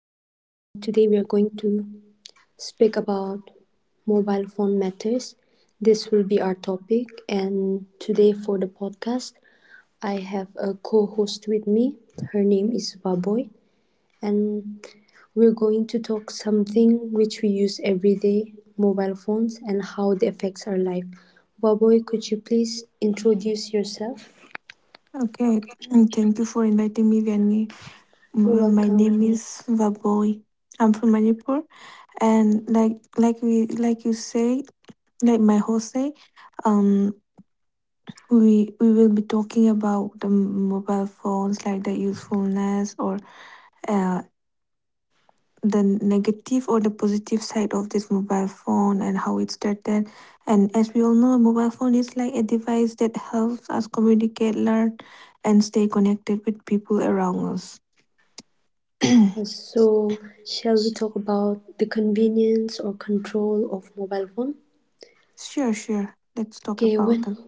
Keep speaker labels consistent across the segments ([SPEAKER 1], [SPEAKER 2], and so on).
[SPEAKER 1] today we are going to speak about mobile phone matters. This will be our topic. And today for the podcast, I have a co host with me. Her name is Vaboy, and we're going to talk something which we use every day mobile phones and how they affects our life. Vaboy, could you please introduce yourself?
[SPEAKER 2] Okay, thank you for inviting me, Vianney.
[SPEAKER 1] You're
[SPEAKER 2] My name
[SPEAKER 1] welcome.
[SPEAKER 2] is Vaboy. I'm from Manipur, and like we like you say, like my host say, um, we will be talking about the mobile phones, like the usefulness or uh, the negative or the positive side of this mobile phone and how it started. And as we all know, a mobile phone is like a device that helps us communicate, learn, and stay connected with people around us.
[SPEAKER 1] Yes, so shall we talk about the convenience or control of mobile phone?
[SPEAKER 2] Sure, sure. Let's talk
[SPEAKER 1] Okay,
[SPEAKER 2] about
[SPEAKER 1] when
[SPEAKER 2] them.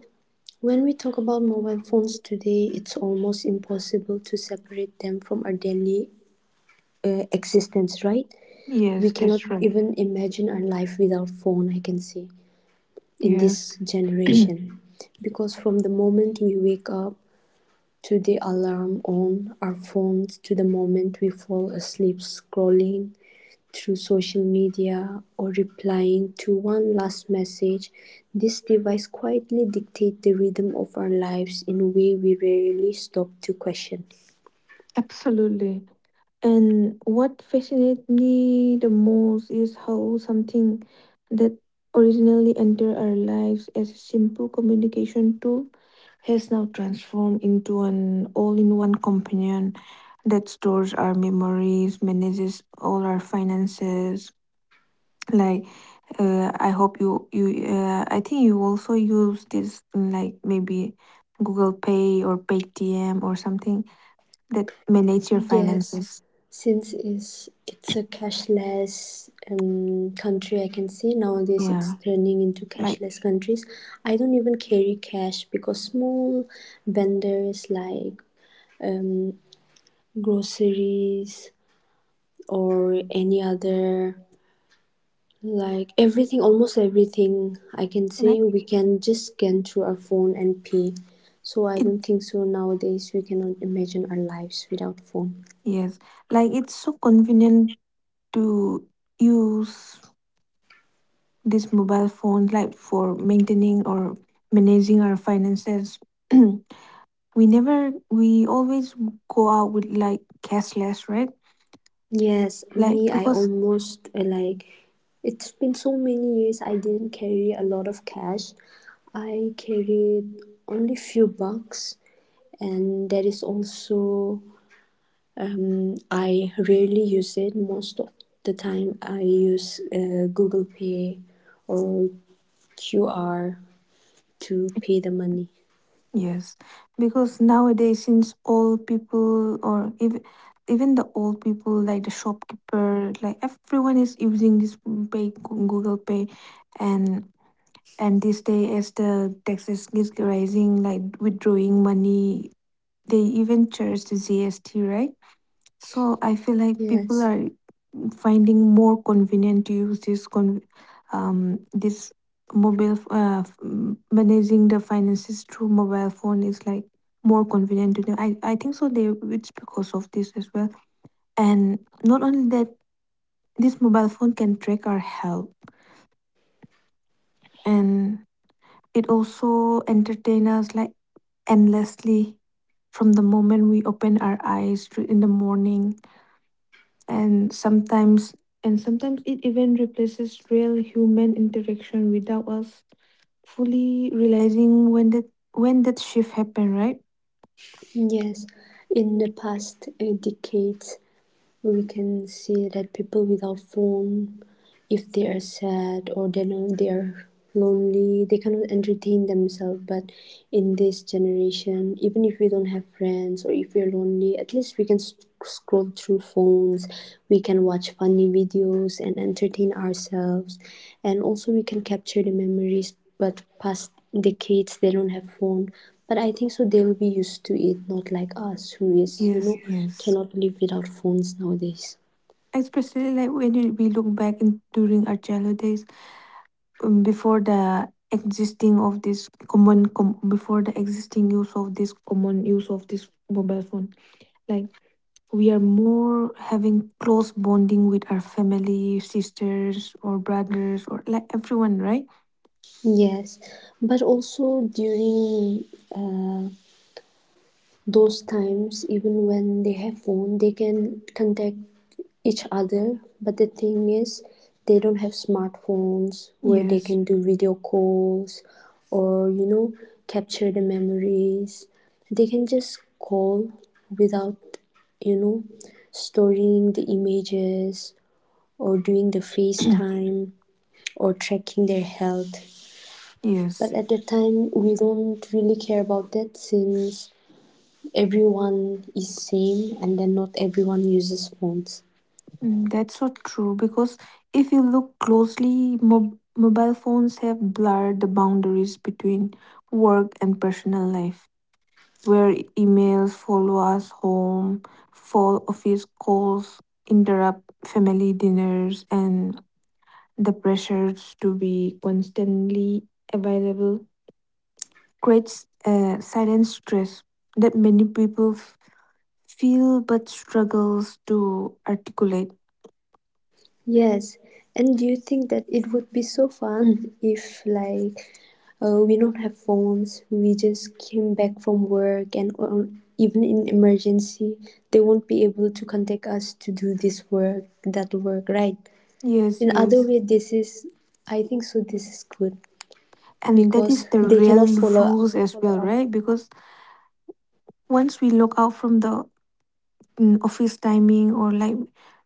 [SPEAKER 1] when we talk about mobile phones today, it's almost impossible to separate them from our daily existence, right? We
[SPEAKER 2] Yes,
[SPEAKER 1] cannot
[SPEAKER 2] that's right.
[SPEAKER 1] even imagine our life without phone, I can say, in this
[SPEAKER 2] Yes,
[SPEAKER 1] generation. Because from the moment we wake up to the alarm on our phones to the moment we fall asleep scrolling through social media or replying to one last message, this device quietly dictates the rhythm of our lives in a way we rarely stop to question.
[SPEAKER 2] absolutely. And what fascinates me the most is how something that originally entered our lives as a simple communication tool has now transformed into an all-in-one companion that stores our memories, manages all our finances, like I think you also use this like maybe Google Pay or Paytm or something that manage your
[SPEAKER 1] Yes,
[SPEAKER 2] finances.
[SPEAKER 1] since is it's a cashless country, I can say nowadays it's
[SPEAKER 2] Yeah,
[SPEAKER 1] turning into
[SPEAKER 2] like
[SPEAKER 1] cashless countries. I don't even carry cash because small vendors like um, groceries or any other like everything, almost everything, I can
[SPEAKER 2] like
[SPEAKER 1] say we can just scan through our phone and pay. So I
[SPEAKER 2] it,
[SPEAKER 1] don't think so nowadays we cannot imagine our lives without phone.
[SPEAKER 2] yes, like it's so convenient to use this mobile phone like for maintaining or managing our finances. We never, we always go out with like cashless, right?
[SPEAKER 1] Yes,
[SPEAKER 2] Like,
[SPEAKER 1] me, I
[SPEAKER 2] because...
[SPEAKER 1] almost like it's been so many years I didn't carry a lot of cash. I carried only few bucks and that is also I rarely use it. Most of the time I use Google Pay or QR to pay the money.
[SPEAKER 2] Yes, because nowadays, since all people or even the old people, like the shopkeeper, like everyone is using this Google Pay, and and this day as the taxes is rising, like withdrawing money, they even charge the GST, right? So I feel like people
[SPEAKER 1] Yes,
[SPEAKER 2] are finding more convenient to use this this mobile managing the finances through mobile phone is like more convenient to them. I think so they it's because of this as well. And not only that, this mobile phone can track our health, and it also entertain us like endlessly from the moment we open our eyes to in the morning. And sometimes and sometimes it even replaces real human interaction without us fully realizing when that shift happened, right?
[SPEAKER 1] yes. In the past decades, we can see that people without phone, if they are sad or they know they are lonely, they cannot entertain themselves. But in this generation, even if we don't have friends or if we're lonely, at least we can scroll through phones, we can watch funny videos and entertain ourselves, and also we can capture the memories. But past decades, they don't have phone, but I think so they'll be used to it, not like us who is, you
[SPEAKER 2] Yes,
[SPEAKER 1] know,
[SPEAKER 2] yes.
[SPEAKER 1] cannot live without phones nowadays.
[SPEAKER 2] Especially like when we look back in during our childhood days, before the existing use of this common use of this mobile phone, like we are more having close bonding with our family sisters or brothers or like everyone, right?
[SPEAKER 1] Yes, but also during uh, those times, even when they have phone, they can contact each other. But the thing is, they don't have smartphones where they
[SPEAKER 2] Yes,
[SPEAKER 1] can do video calls or, you know, capture the memories. They can just call without, you know, storing the images or doing the FaceTime or tracking their health. But
[SPEAKER 2] yes.
[SPEAKER 1] at the time, we don't really care about that since everyone is same and then not everyone uses phones.
[SPEAKER 2] Mm, that's so true. Because if you look closely, mobile phones have blurred the boundaries between work and personal life, where emails follow us home, fall office calls interrupt family dinners, and the pressures to be constantly available creates a silent stress that many people feel but struggles to articulate.
[SPEAKER 1] Yes. And do you think that it would be so fun if, like, we don't have phones, we just came back from work, and or even in emergency, they won't be able to contact us to do this work, that work, right?
[SPEAKER 2] Yes,
[SPEAKER 1] In other
[SPEAKER 2] yes.
[SPEAKER 1] way, this is, I think so. This is good
[SPEAKER 2] And that is
[SPEAKER 1] because
[SPEAKER 2] the
[SPEAKER 1] they cannot
[SPEAKER 2] real rules as
[SPEAKER 1] follow
[SPEAKER 2] well,
[SPEAKER 1] up.
[SPEAKER 2] right? Because once we log out from the office timing, or like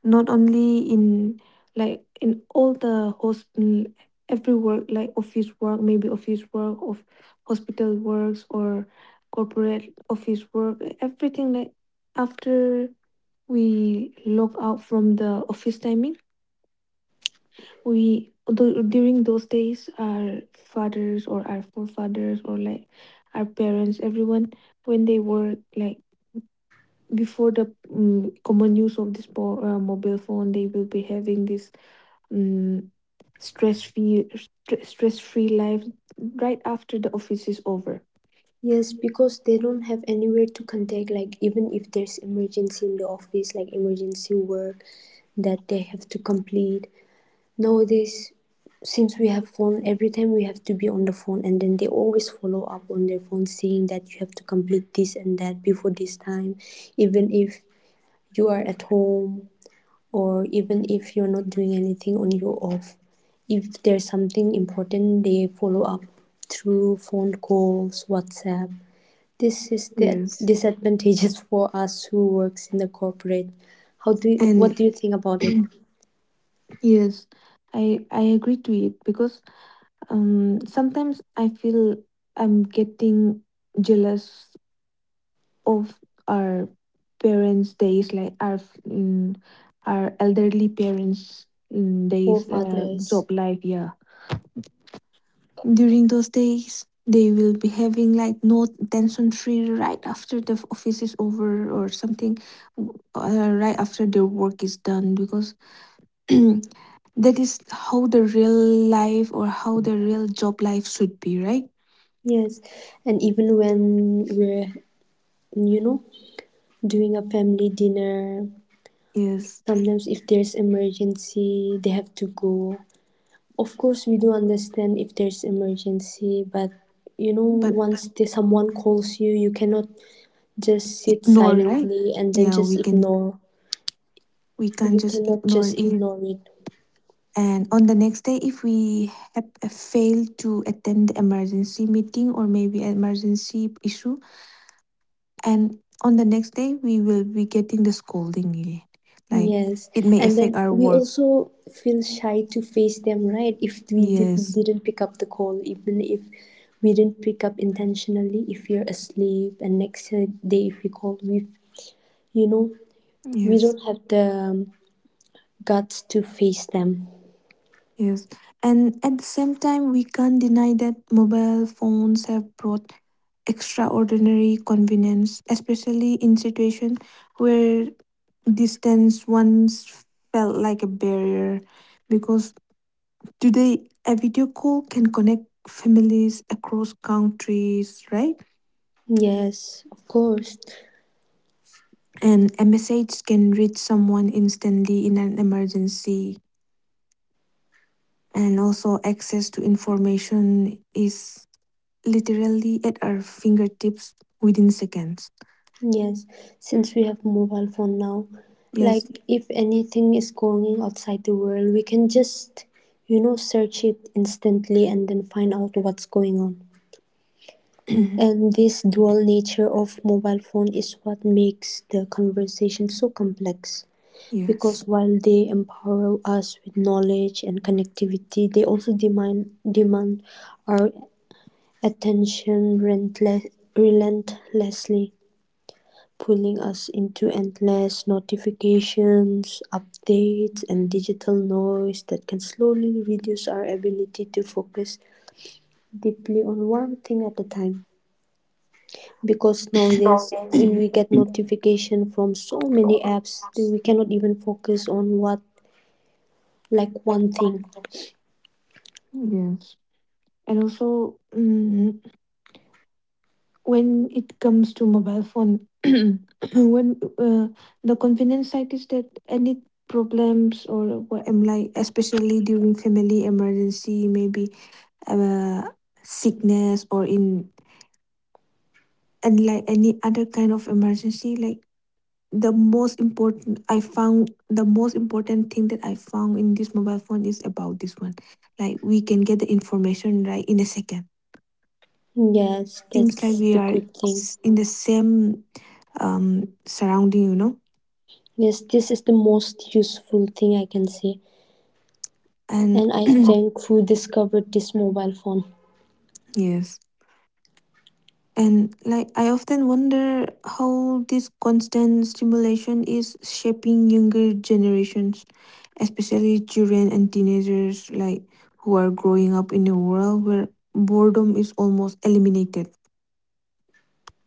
[SPEAKER 2] not only in, like in all the host, every work like office work, maybe office work of hospital works or corporate office work, everything like after we log out from the office timing, we during those days, our fathers or our forefathers or like our parents, everyone, when they were like before the common use of this mobile phone, they will be having this um, stress free stress free life right after the office is over.
[SPEAKER 1] Yes, because they don't have anywhere to contact, like even if there's emergency in the office, like emergency work that they have to complete. Nowadays, since we have phone, every time we have to be on the phone and then they always follow up on their phone saying that you have to complete this and that before this time, even if you are at home or even if you're not doing anything on your off. If there's something important, they follow up through phone calls, WhatsApp, this is the
[SPEAKER 2] Yes.
[SPEAKER 1] disadvantages for us who works in the corporate. How do you, what
[SPEAKER 2] And
[SPEAKER 1] do you think about it?
[SPEAKER 2] yes, I agree to it because sometimes I feel I'm getting jealous of our parents' days, like our mm, our elderly parents' days,
[SPEAKER 1] Forefathers.
[SPEAKER 2] job life. Yeah, during those days, they will be having like no tension free right after the office is over or something, right after their work is done because... That is how the real life or how the real job life should be, right?
[SPEAKER 1] Yes, and even when we're, you know, doing a family dinner,
[SPEAKER 2] Yes,
[SPEAKER 1] sometimes if there's emergency, they have to go. Of course, we do understand if there's emergency, but, you know,
[SPEAKER 2] but
[SPEAKER 1] once the, someone calls you, you cannot just sit
[SPEAKER 2] ignore, right?
[SPEAKER 1] silently and then
[SPEAKER 2] Yeah, we
[SPEAKER 1] just
[SPEAKER 2] can
[SPEAKER 1] ignore.
[SPEAKER 2] we can't
[SPEAKER 1] We
[SPEAKER 2] just
[SPEAKER 1] cannot
[SPEAKER 2] ignore
[SPEAKER 1] just
[SPEAKER 2] it.
[SPEAKER 1] ignore it.
[SPEAKER 2] And on the next day, if we have failed to attend the emergency meeting or maybe an emergency issue, and on the next day, we will be getting the scolding again. Like,
[SPEAKER 1] Yes,
[SPEAKER 2] it may
[SPEAKER 1] and
[SPEAKER 2] affect
[SPEAKER 1] then
[SPEAKER 2] our
[SPEAKER 1] we
[SPEAKER 2] work.
[SPEAKER 1] also feel shy to face them, right? If we didn't
[SPEAKER 2] Yes,
[SPEAKER 1] didn't pick up the call, even if we didn't pick up intentionally, if we are asleep, and next day if we call, we, you know, we
[SPEAKER 2] yes,
[SPEAKER 1] don't have the guts to face them.
[SPEAKER 2] yes. And at the same time, we can't deny that mobile phones have brought extraordinary convenience, especially in situations where distance once felt like a barrier. Because today, a video call can connect families across countries, right?
[SPEAKER 1] Yes, of course.
[SPEAKER 2] And a message can reach someone instantly in an emergency. And also, access to information is literally at our fingertips within seconds.
[SPEAKER 1] Yes, since we have mobile phone now,
[SPEAKER 2] Yes.
[SPEAKER 1] like if anything is going outside the world, we can just, you know, search it instantly and then find out what's going on. And this dual nature of mobile phone is what makes the conversation so complex
[SPEAKER 2] Yes.
[SPEAKER 1] because while they empower us with knowledge and connectivity, they also demand our attention relentlessly, pulling us into endless notifications, updates, and digital noise that can slowly reduce our ability to focus deeply on one thing at a time. Because nowadays we get notification from so many apps that we cannot even focus on what, like one thing.
[SPEAKER 2] Yes. And also, when it comes to mobile phone, when the convenience side is that any problems or what am, like, especially during family emergency, maybe uh, sickness or in, and like any other kind of emergency, like the most important thing that I found in this mobile phone is about this one. Like we can get the information right in a second.
[SPEAKER 1] Yes,
[SPEAKER 2] Seems
[SPEAKER 1] that's
[SPEAKER 2] like we
[SPEAKER 1] the
[SPEAKER 2] are
[SPEAKER 1] good thing.
[SPEAKER 2] in the same surrounding.
[SPEAKER 1] Yes, this is the most useful thing I can say,
[SPEAKER 2] And
[SPEAKER 1] and I thank who discovered this mobile phone.
[SPEAKER 2] yes, and like I often wonder how this constant stimulation is shaping younger generations, especially children and teenagers, like who are growing up in a world where boredom is almost eliminated.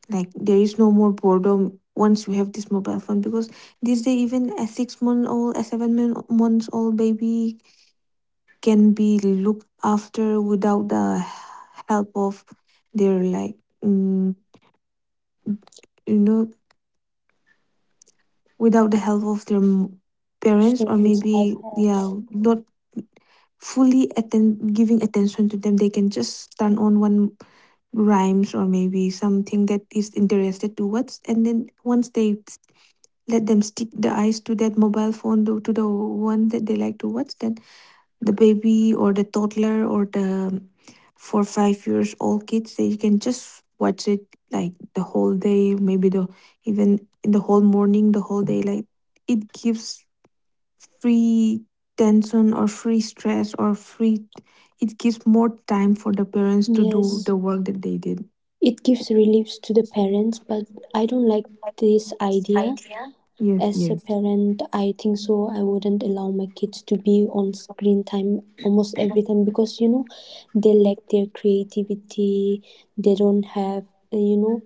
[SPEAKER 2] Like there is no more boredom once you have this mobile phone. Because these day even a 6-month old, a 7-month months old baby can be looked after without the help of their, like, mm, you know without the help of their parents, or
[SPEAKER 1] Phones,
[SPEAKER 2] maybe,
[SPEAKER 1] iPads.
[SPEAKER 2] yeah, not fully attend giving attention to them. They can just turn on one rhymes or maybe something that is interested to what's, and then once they let them stick the eyes to that mobile phone to the one that they like to watch, then the baby or the toddler or the 4, 5 years old kids, they can just watch it like the whole day, maybe the even in the whole morning, the whole day, like it gives free tension or free stress or free, it gives more time for the parents to do the
[SPEAKER 1] Yes,
[SPEAKER 2] work that they did.
[SPEAKER 1] it gives reliefs to the parents, but I don't like this idea.
[SPEAKER 2] Yes,
[SPEAKER 1] As a
[SPEAKER 2] yes,
[SPEAKER 1] parent, I think so. I wouldn't allow my kids to be on screen time almost every time because, you know, they lack their creativity. They don't have, you know,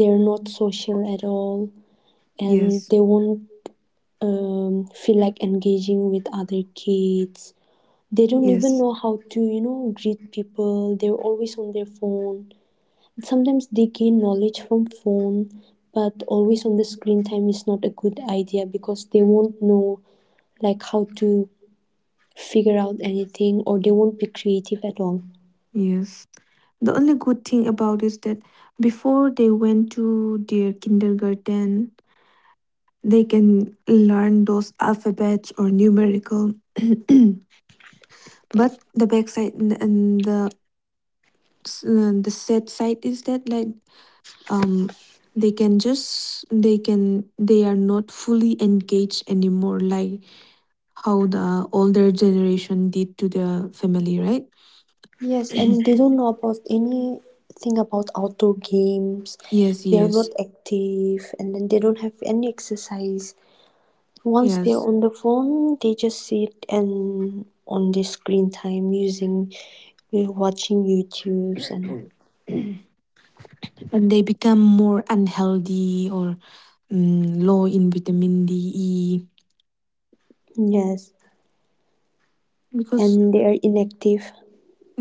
[SPEAKER 1] they're not social at all, and
[SPEAKER 2] yes,
[SPEAKER 1] they won't feel like engaging with other kids. They don't even
[SPEAKER 2] yes,
[SPEAKER 1] know how to, you know, greet people. They're always on their phone. Sometimes they gain knowledge from phone, but always on the screen time is not a good idea because they won't know like how to figure out anything or they won't be creative at all.
[SPEAKER 2] yes. The only good thing about is that before they went to their kindergarten, they can learn those alphabets or numerical. But the backside and the the sad side is that, like, um they can just they can they are not fully engaged anymore, like how the older generation did to the family, right?
[SPEAKER 1] Yes, and they don't know about anything about outdoor games.
[SPEAKER 2] Yes,
[SPEAKER 1] They are not
[SPEAKER 2] yes,
[SPEAKER 1] active and then they don't have any exercise. Once they're
[SPEAKER 2] yes.
[SPEAKER 1] on the phone, they just sit and on the screen time using watching YouTubes and all.
[SPEAKER 2] And they become more unhealthy or low in vitamin D E
[SPEAKER 1] Yes.
[SPEAKER 2] because...
[SPEAKER 1] And they are inactive.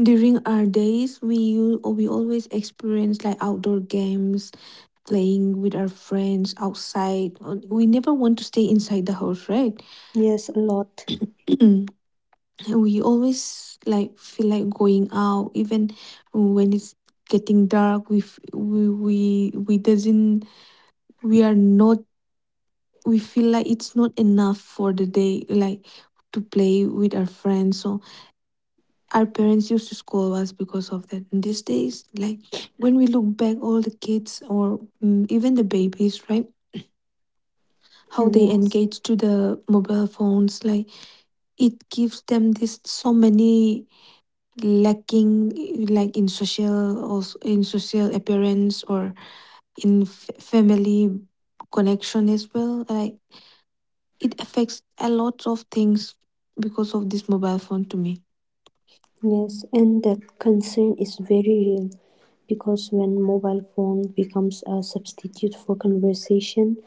[SPEAKER 2] During our days, we always experience like outdoor games, playing with our friends outside. We never want to stay inside the house, right?
[SPEAKER 1] Yes, a lot.
[SPEAKER 2] We always like feel like going out, even when it's getting dark. We doesn't, we are not, we feel like it's not enough for the day, like to play with our friends. So our parents used to scold us because of that. And these days, like when we look back, all the kids or even the babies, right? How they
[SPEAKER 1] Yes,
[SPEAKER 2] engage to the mobile phones, like it gives them this so many lacking, like in social, also in social appearance or in family connection as well. Like, it affects a lot of things because of this mobile phone to me.
[SPEAKER 1] yes, and that concern is very real because when mobile phone becomes a substitute for conversation,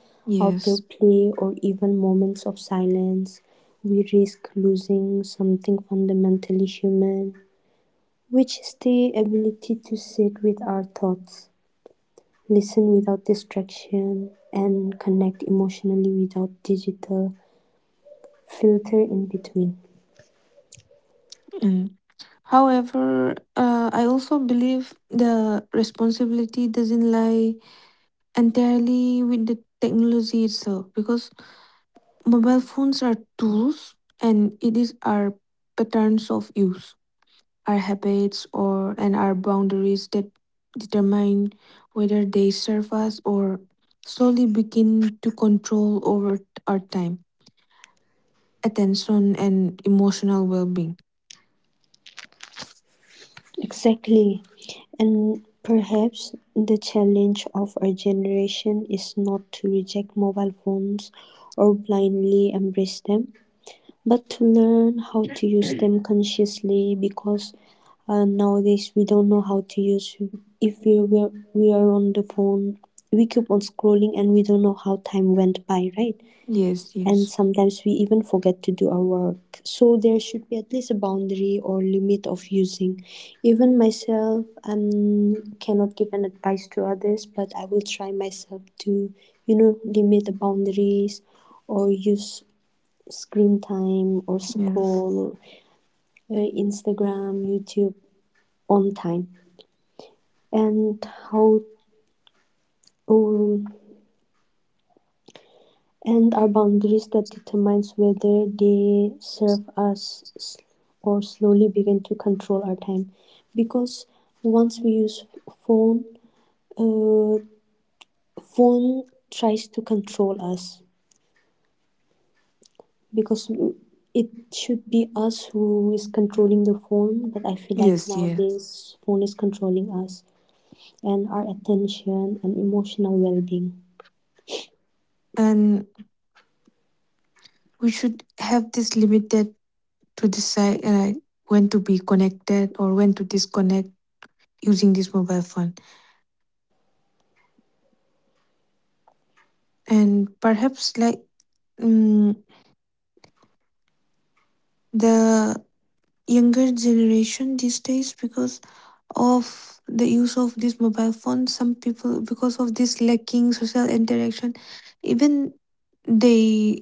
[SPEAKER 1] outdoor
[SPEAKER 2] Yes.
[SPEAKER 1] play, or even moments of silence, we risk losing something fundamentally human, which is the ability to sit with our thoughts, listen without distraction, and connect emotionally without digital filter in between.
[SPEAKER 2] and. However, I also believe the responsibility doesn't lie entirely with the technology itself because mobile phones are tools and it is our patterns of use, our habits or and our boundaries that determine whether they serve us or slowly begin to control over our time, attention and emotional well-being.
[SPEAKER 1] Exactly. And perhaps the challenge of our generation is not to reject mobile phones or blindly embrace them, but to learn how to use them consciously because nowadays we don't know how to use. If we were, we are on the phone, we keep on scrolling and we don't know how time went by, right?
[SPEAKER 2] Yes,
[SPEAKER 1] And
[SPEAKER 2] yes.
[SPEAKER 1] sometimes we even forget to do our work. So there should be at least a boundary or limit of using. Even myself, cannot give an advice to others, but I will try myself to, you know, limit the boundaries or use screen time or
[SPEAKER 2] Yes.
[SPEAKER 1] scroll Instagram, YouTube on time. And how, um, and are boundaries that determines whether they serve us or slowly begin to control our time because once we use phone, uh, phone tries to control us because it should be us who is controlling the phone, but I feel like
[SPEAKER 2] Yes, yes.
[SPEAKER 1] nowadays phone is controlling us and our attention and emotional well-being.
[SPEAKER 2] And we should have this limited to decide when to be connected or when to disconnect using this mobile phone, and perhaps like um, the younger generation these days because of the use of this mobile phone, some people, because of this lacking social interaction, even they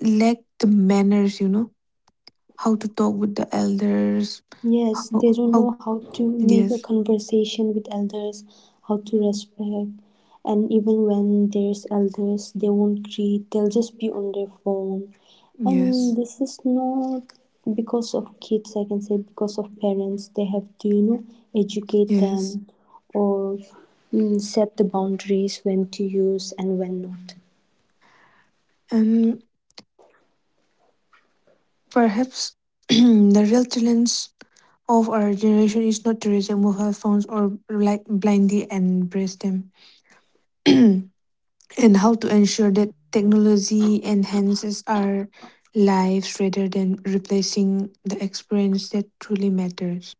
[SPEAKER 2] lack the manners how to talk with the elders,
[SPEAKER 1] Yes,
[SPEAKER 2] how
[SPEAKER 1] they don't know
[SPEAKER 2] how
[SPEAKER 1] how to make a
[SPEAKER 2] yes,
[SPEAKER 1] conversation with elders, how to respect, and even when there's elders, they won't greet, they'll just be on their phone. And
[SPEAKER 2] yes,
[SPEAKER 1] this is not because of kids, I can say, because of parents. They have to, you know, educate
[SPEAKER 2] yes.
[SPEAKER 1] them or set the boundaries when to use and when not.
[SPEAKER 2] And perhaps the real challenge of our generation is not to remove mobile phones or like blindly embrace them, and how to ensure that technology enhances our lives rather than replacing the experience that truly matters.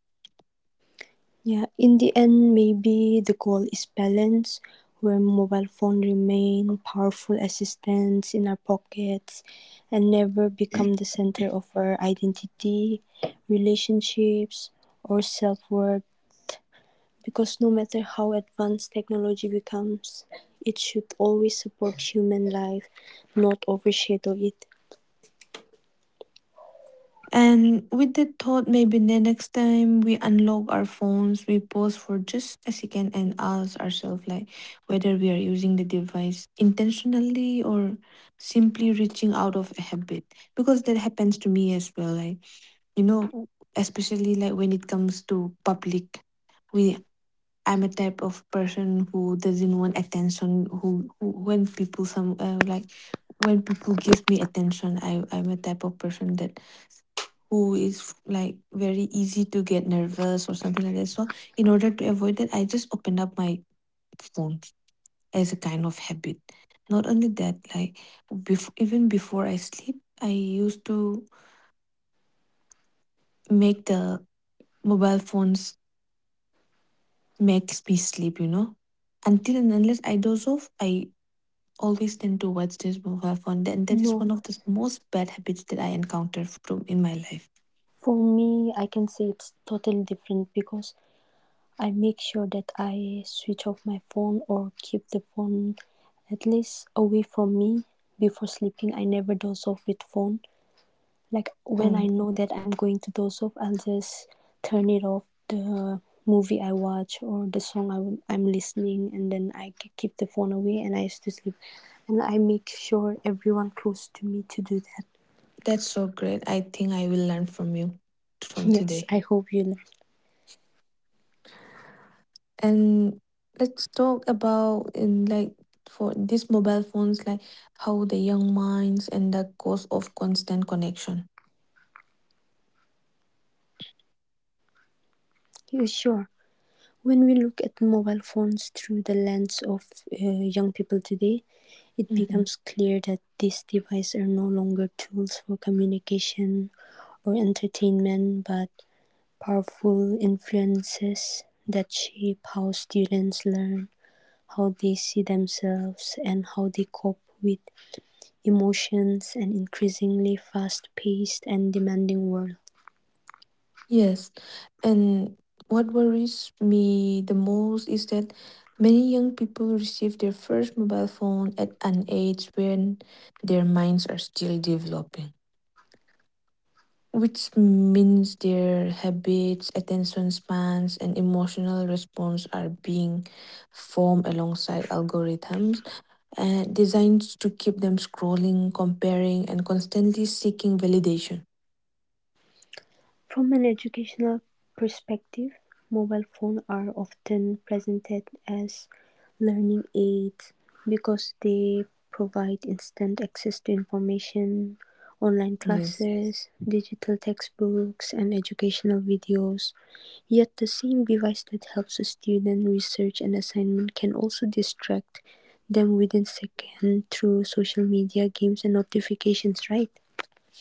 [SPEAKER 1] Yeah, in the end, maybe the goal is balance, where mobile phone remain powerful assistants in our pockets and never become the center of our identity, relationships, or self-worth. Because no matter how advanced technology becomes, it should always support human life, not overshadow it.
[SPEAKER 2] And with that thought, maybe the next time we unlock our phones, we pause for just a second and ask ourselves, like, whether we are using the device intentionally or simply reaching out of a habit. Because that happens to me as well. Like, you know, especially like when it comes to public, we I'm a type of person who doesn't want attention. Who, when people some like when people gives me attention, I'm a type of person that who is like very easy to get nervous or something like that. So in order to avoid that, I just open up my phone as a kind of habit. Not only that, like even before I sleep, I used to make the mobile phones makes me sleep. Until and unless I doze off, I always tend towards this mobile phone, and that is
[SPEAKER 1] No,
[SPEAKER 2] one of the most bad habits that I encountered from in my life.
[SPEAKER 1] for me, I can say it's totally different because I make sure that I switch off my phone or keep the phone at least away from me before sleeping. I never doze off with phone. Like when
[SPEAKER 2] Mm,
[SPEAKER 1] I know that I'm going to doze off, I'll just turn it off the movie I watch or the song I am listening, and then I keep the phone away and I used to sleep. And I make sure everyone close to me to do that.
[SPEAKER 2] that's so great. I think I will learn from you from
[SPEAKER 1] Yes,
[SPEAKER 2] today.
[SPEAKER 1] I hope you learn.
[SPEAKER 2] And let's talk about in like for these mobile phones, like how the young minds and the cause of constant connection.
[SPEAKER 1] You sure? When we look at mobile phones through the lens of uh, young people today, it
[SPEAKER 2] Mhm.
[SPEAKER 1] becomes clear that these devices are no longer tools for communication or entertainment, but powerful influences that shape how students learn, how they see themselves, and how they cope with emotions and increasingly fast paced and demanding world.
[SPEAKER 2] Yes, and what worries me the most is that many young people receive their first mobile phone at an age when their minds are still developing, which means their habits, attention spans, and emotional response are being formed alongside algorithms designed to keep them scrolling, comparing, and constantly seeking validation.
[SPEAKER 1] From an educational perspective, mobile phones are often presented as learning aids because they provide instant access to information, online
[SPEAKER 2] Yes.
[SPEAKER 1] classes, digital textbooks, and educational videos. Yet, the same device that helps a student research an assignment can also distract them within seconds through social media, games, and notifications, right?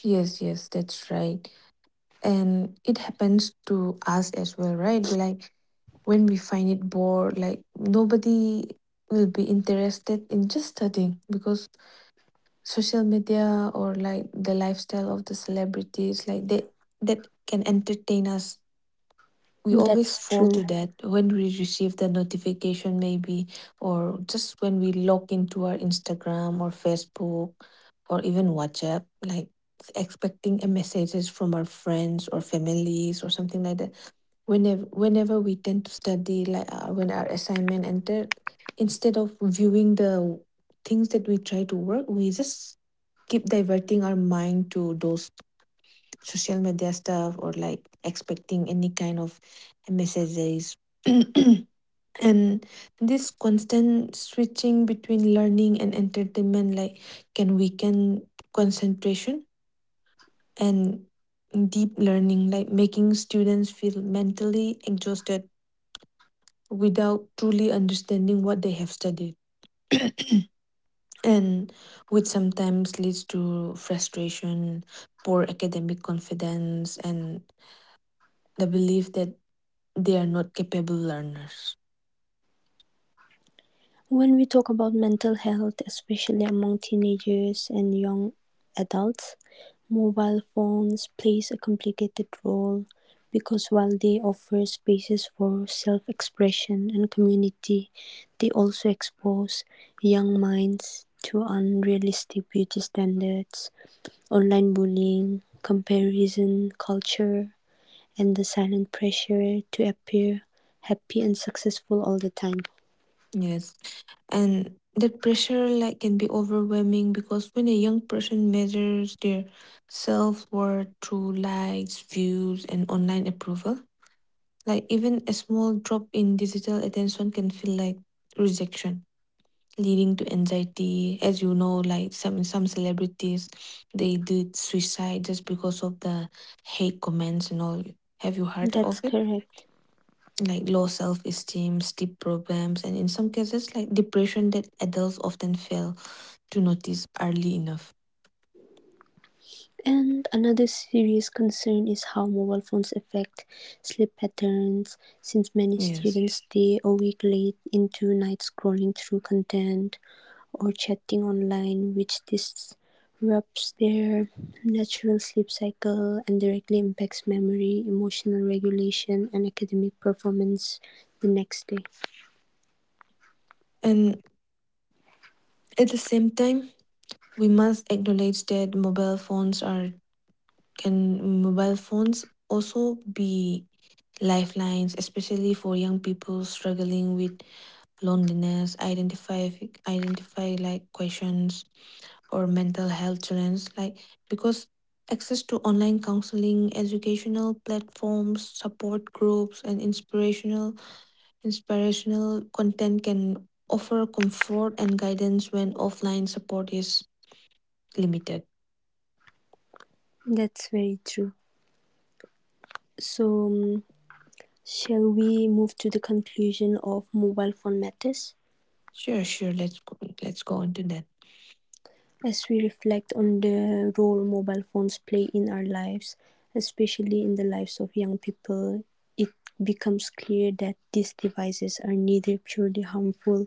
[SPEAKER 2] Yes, yes, that's right. And it happens to us as well, right? Like when we find it bored, like nobody will be interested in just studying because social media or like the lifestyle of the celebrities, like they, that can entertain us. We always
[SPEAKER 1] That's
[SPEAKER 2] fall to
[SPEAKER 1] true.
[SPEAKER 2] that when we receive the notification, maybe, or just when we log into our Instagram or Facebook or even WhatsApp, like expecting a messages from our friends or families or something like that. Whenever we tend to study, like when our assignment entered, instead of viewing the things that we try to work, we just keep diverting our mind to those social media stuff or like expecting any kind of messages. And this constant switching between learning and entertainment, like, can weaken concentration and deep learning, like making students feel mentally exhausted without truly understanding what they have studied. And which sometimes leads to frustration, poor academic confidence, and the belief that they are not capable learners.
[SPEAKER 1] When we talk about mental health, especially among teenagers and young adults, mobile phones plays a complicated role because while they offer spaces for self-expression and community, they also expose young minds to unrealistic beauty standards, online bullying, comparison culture, and the silent pressure to appear happy and successful all the time.
[SPEAKER 2] Yes. And that pressure, like, can be overwhelming because when a young person measures their self-worth through likes, views, and online approval, like even a small drop in digital attention can feel like rejection, leading to anxiety. As you know, like some celebrities they did suicide just because of the hate comments and all. Have you heard
[SPEAKER 1] That's
[SPEAKER 2] of it?
[SPEAKER 1] correct.
[SPEAKER 2] Like low self-esteem, sleep problems, and in some cases like depression that adults often fail to notice early enough.
[SPEAKER 1] And another serious concern is how mobile phones affect sleep patterns, since many
[SPEAKER 2] Yes.
[SPEAKER 1] students stay awake late into night scrolling through content or chatting online, which disrupts their natural sleep cycle and directly impacts memory, emotional regulation, and academic performance the next day.
[SPEAKER 2] And at the same time, we must acknowledge that mobile phones are, can mobile phones also be lifelines, especially for young people struggling with loneliness, identify, like questions or mental health challenge, like because access to online counseling, educational platforms, support groups, and inspirational content can offer comfort and guidance when offline support is limited.
[SPEAKER 1] That's very true. So, shall we move to the conclusion of mobile phone matters?
[SPEAKER 2] Sure, sure, let's go on to that.
[SPEAKER 1] As we reflect on the role mobile phones play in our lives, especially in the lives of young people, it becomes clear that these devices are neither purely harmful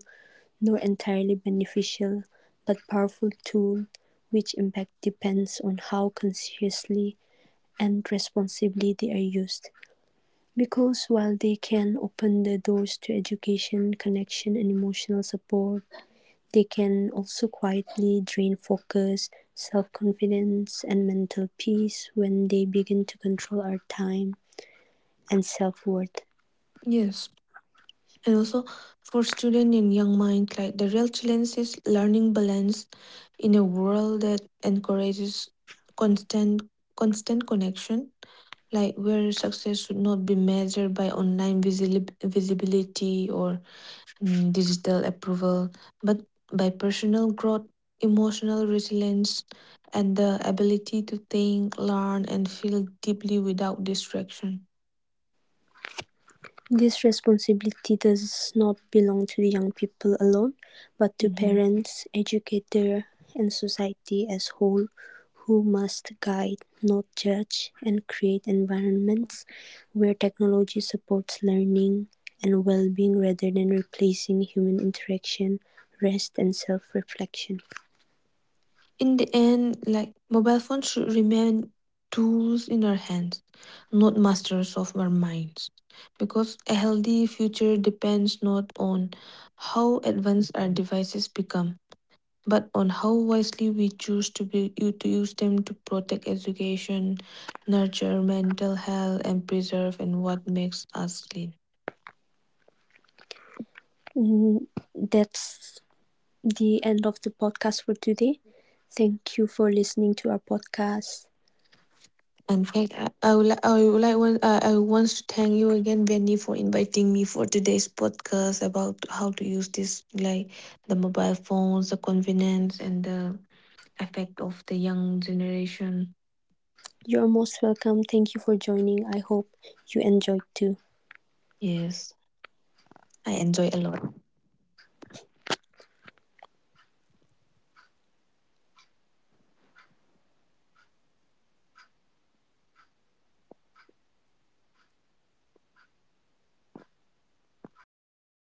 [SPEAKER 1] nor entirely beneficial, but powerful tool which impact depends on how consciously and responsibly they are used. Because while they can open the doors to education, connection, and emotional support, they can also quietly drain focus, self-confidence, and mental peace when they begin to control our time and self-worth.
[SPEAKER 2] Yes, and also for student in young mind, like the real challenge is learning balance in a world that encourages constant constant connection, like where success should not be measured by online visibility or digital approval, but by personal growth, emotional resilience, and the ability to think, learn, and feel deeply without distraction.
[SPEAKER 1] This responsibility does not belong to the young people alone, but to
[SPEAKER 2] Mhm.
[SPEAKER 1] parents, educators, and society as whole, who must guide, not judge, and create environments where technology supports learning and well-being rather than replacing human interaction, rest, and self-reflection.
[SPEAKER 2] In the end, like mobile phones should remain tools in our hands, not masters of our minds. Because a healthy future depends not on how advanced our devices become, but on how wisely we choose to to use them to protect education, nurture mental health, and preserve and what makes us clean.
[SPEAKER 1] Mm, that's the end of the podcast for today. Thank you for listening to our podcast.
[SPEAKER 2] In fact, I would like one, I want to thank you again, Benny, for inviting me for today's podcast about how to use this, like the mobile phones, the convenience, and the effect of the young generation.
[SPEAKER 1] You're most welcome. Thank you for joining. I hope you enjoyed too.
[SPEAKER 2] Yes, I enjoy a lot.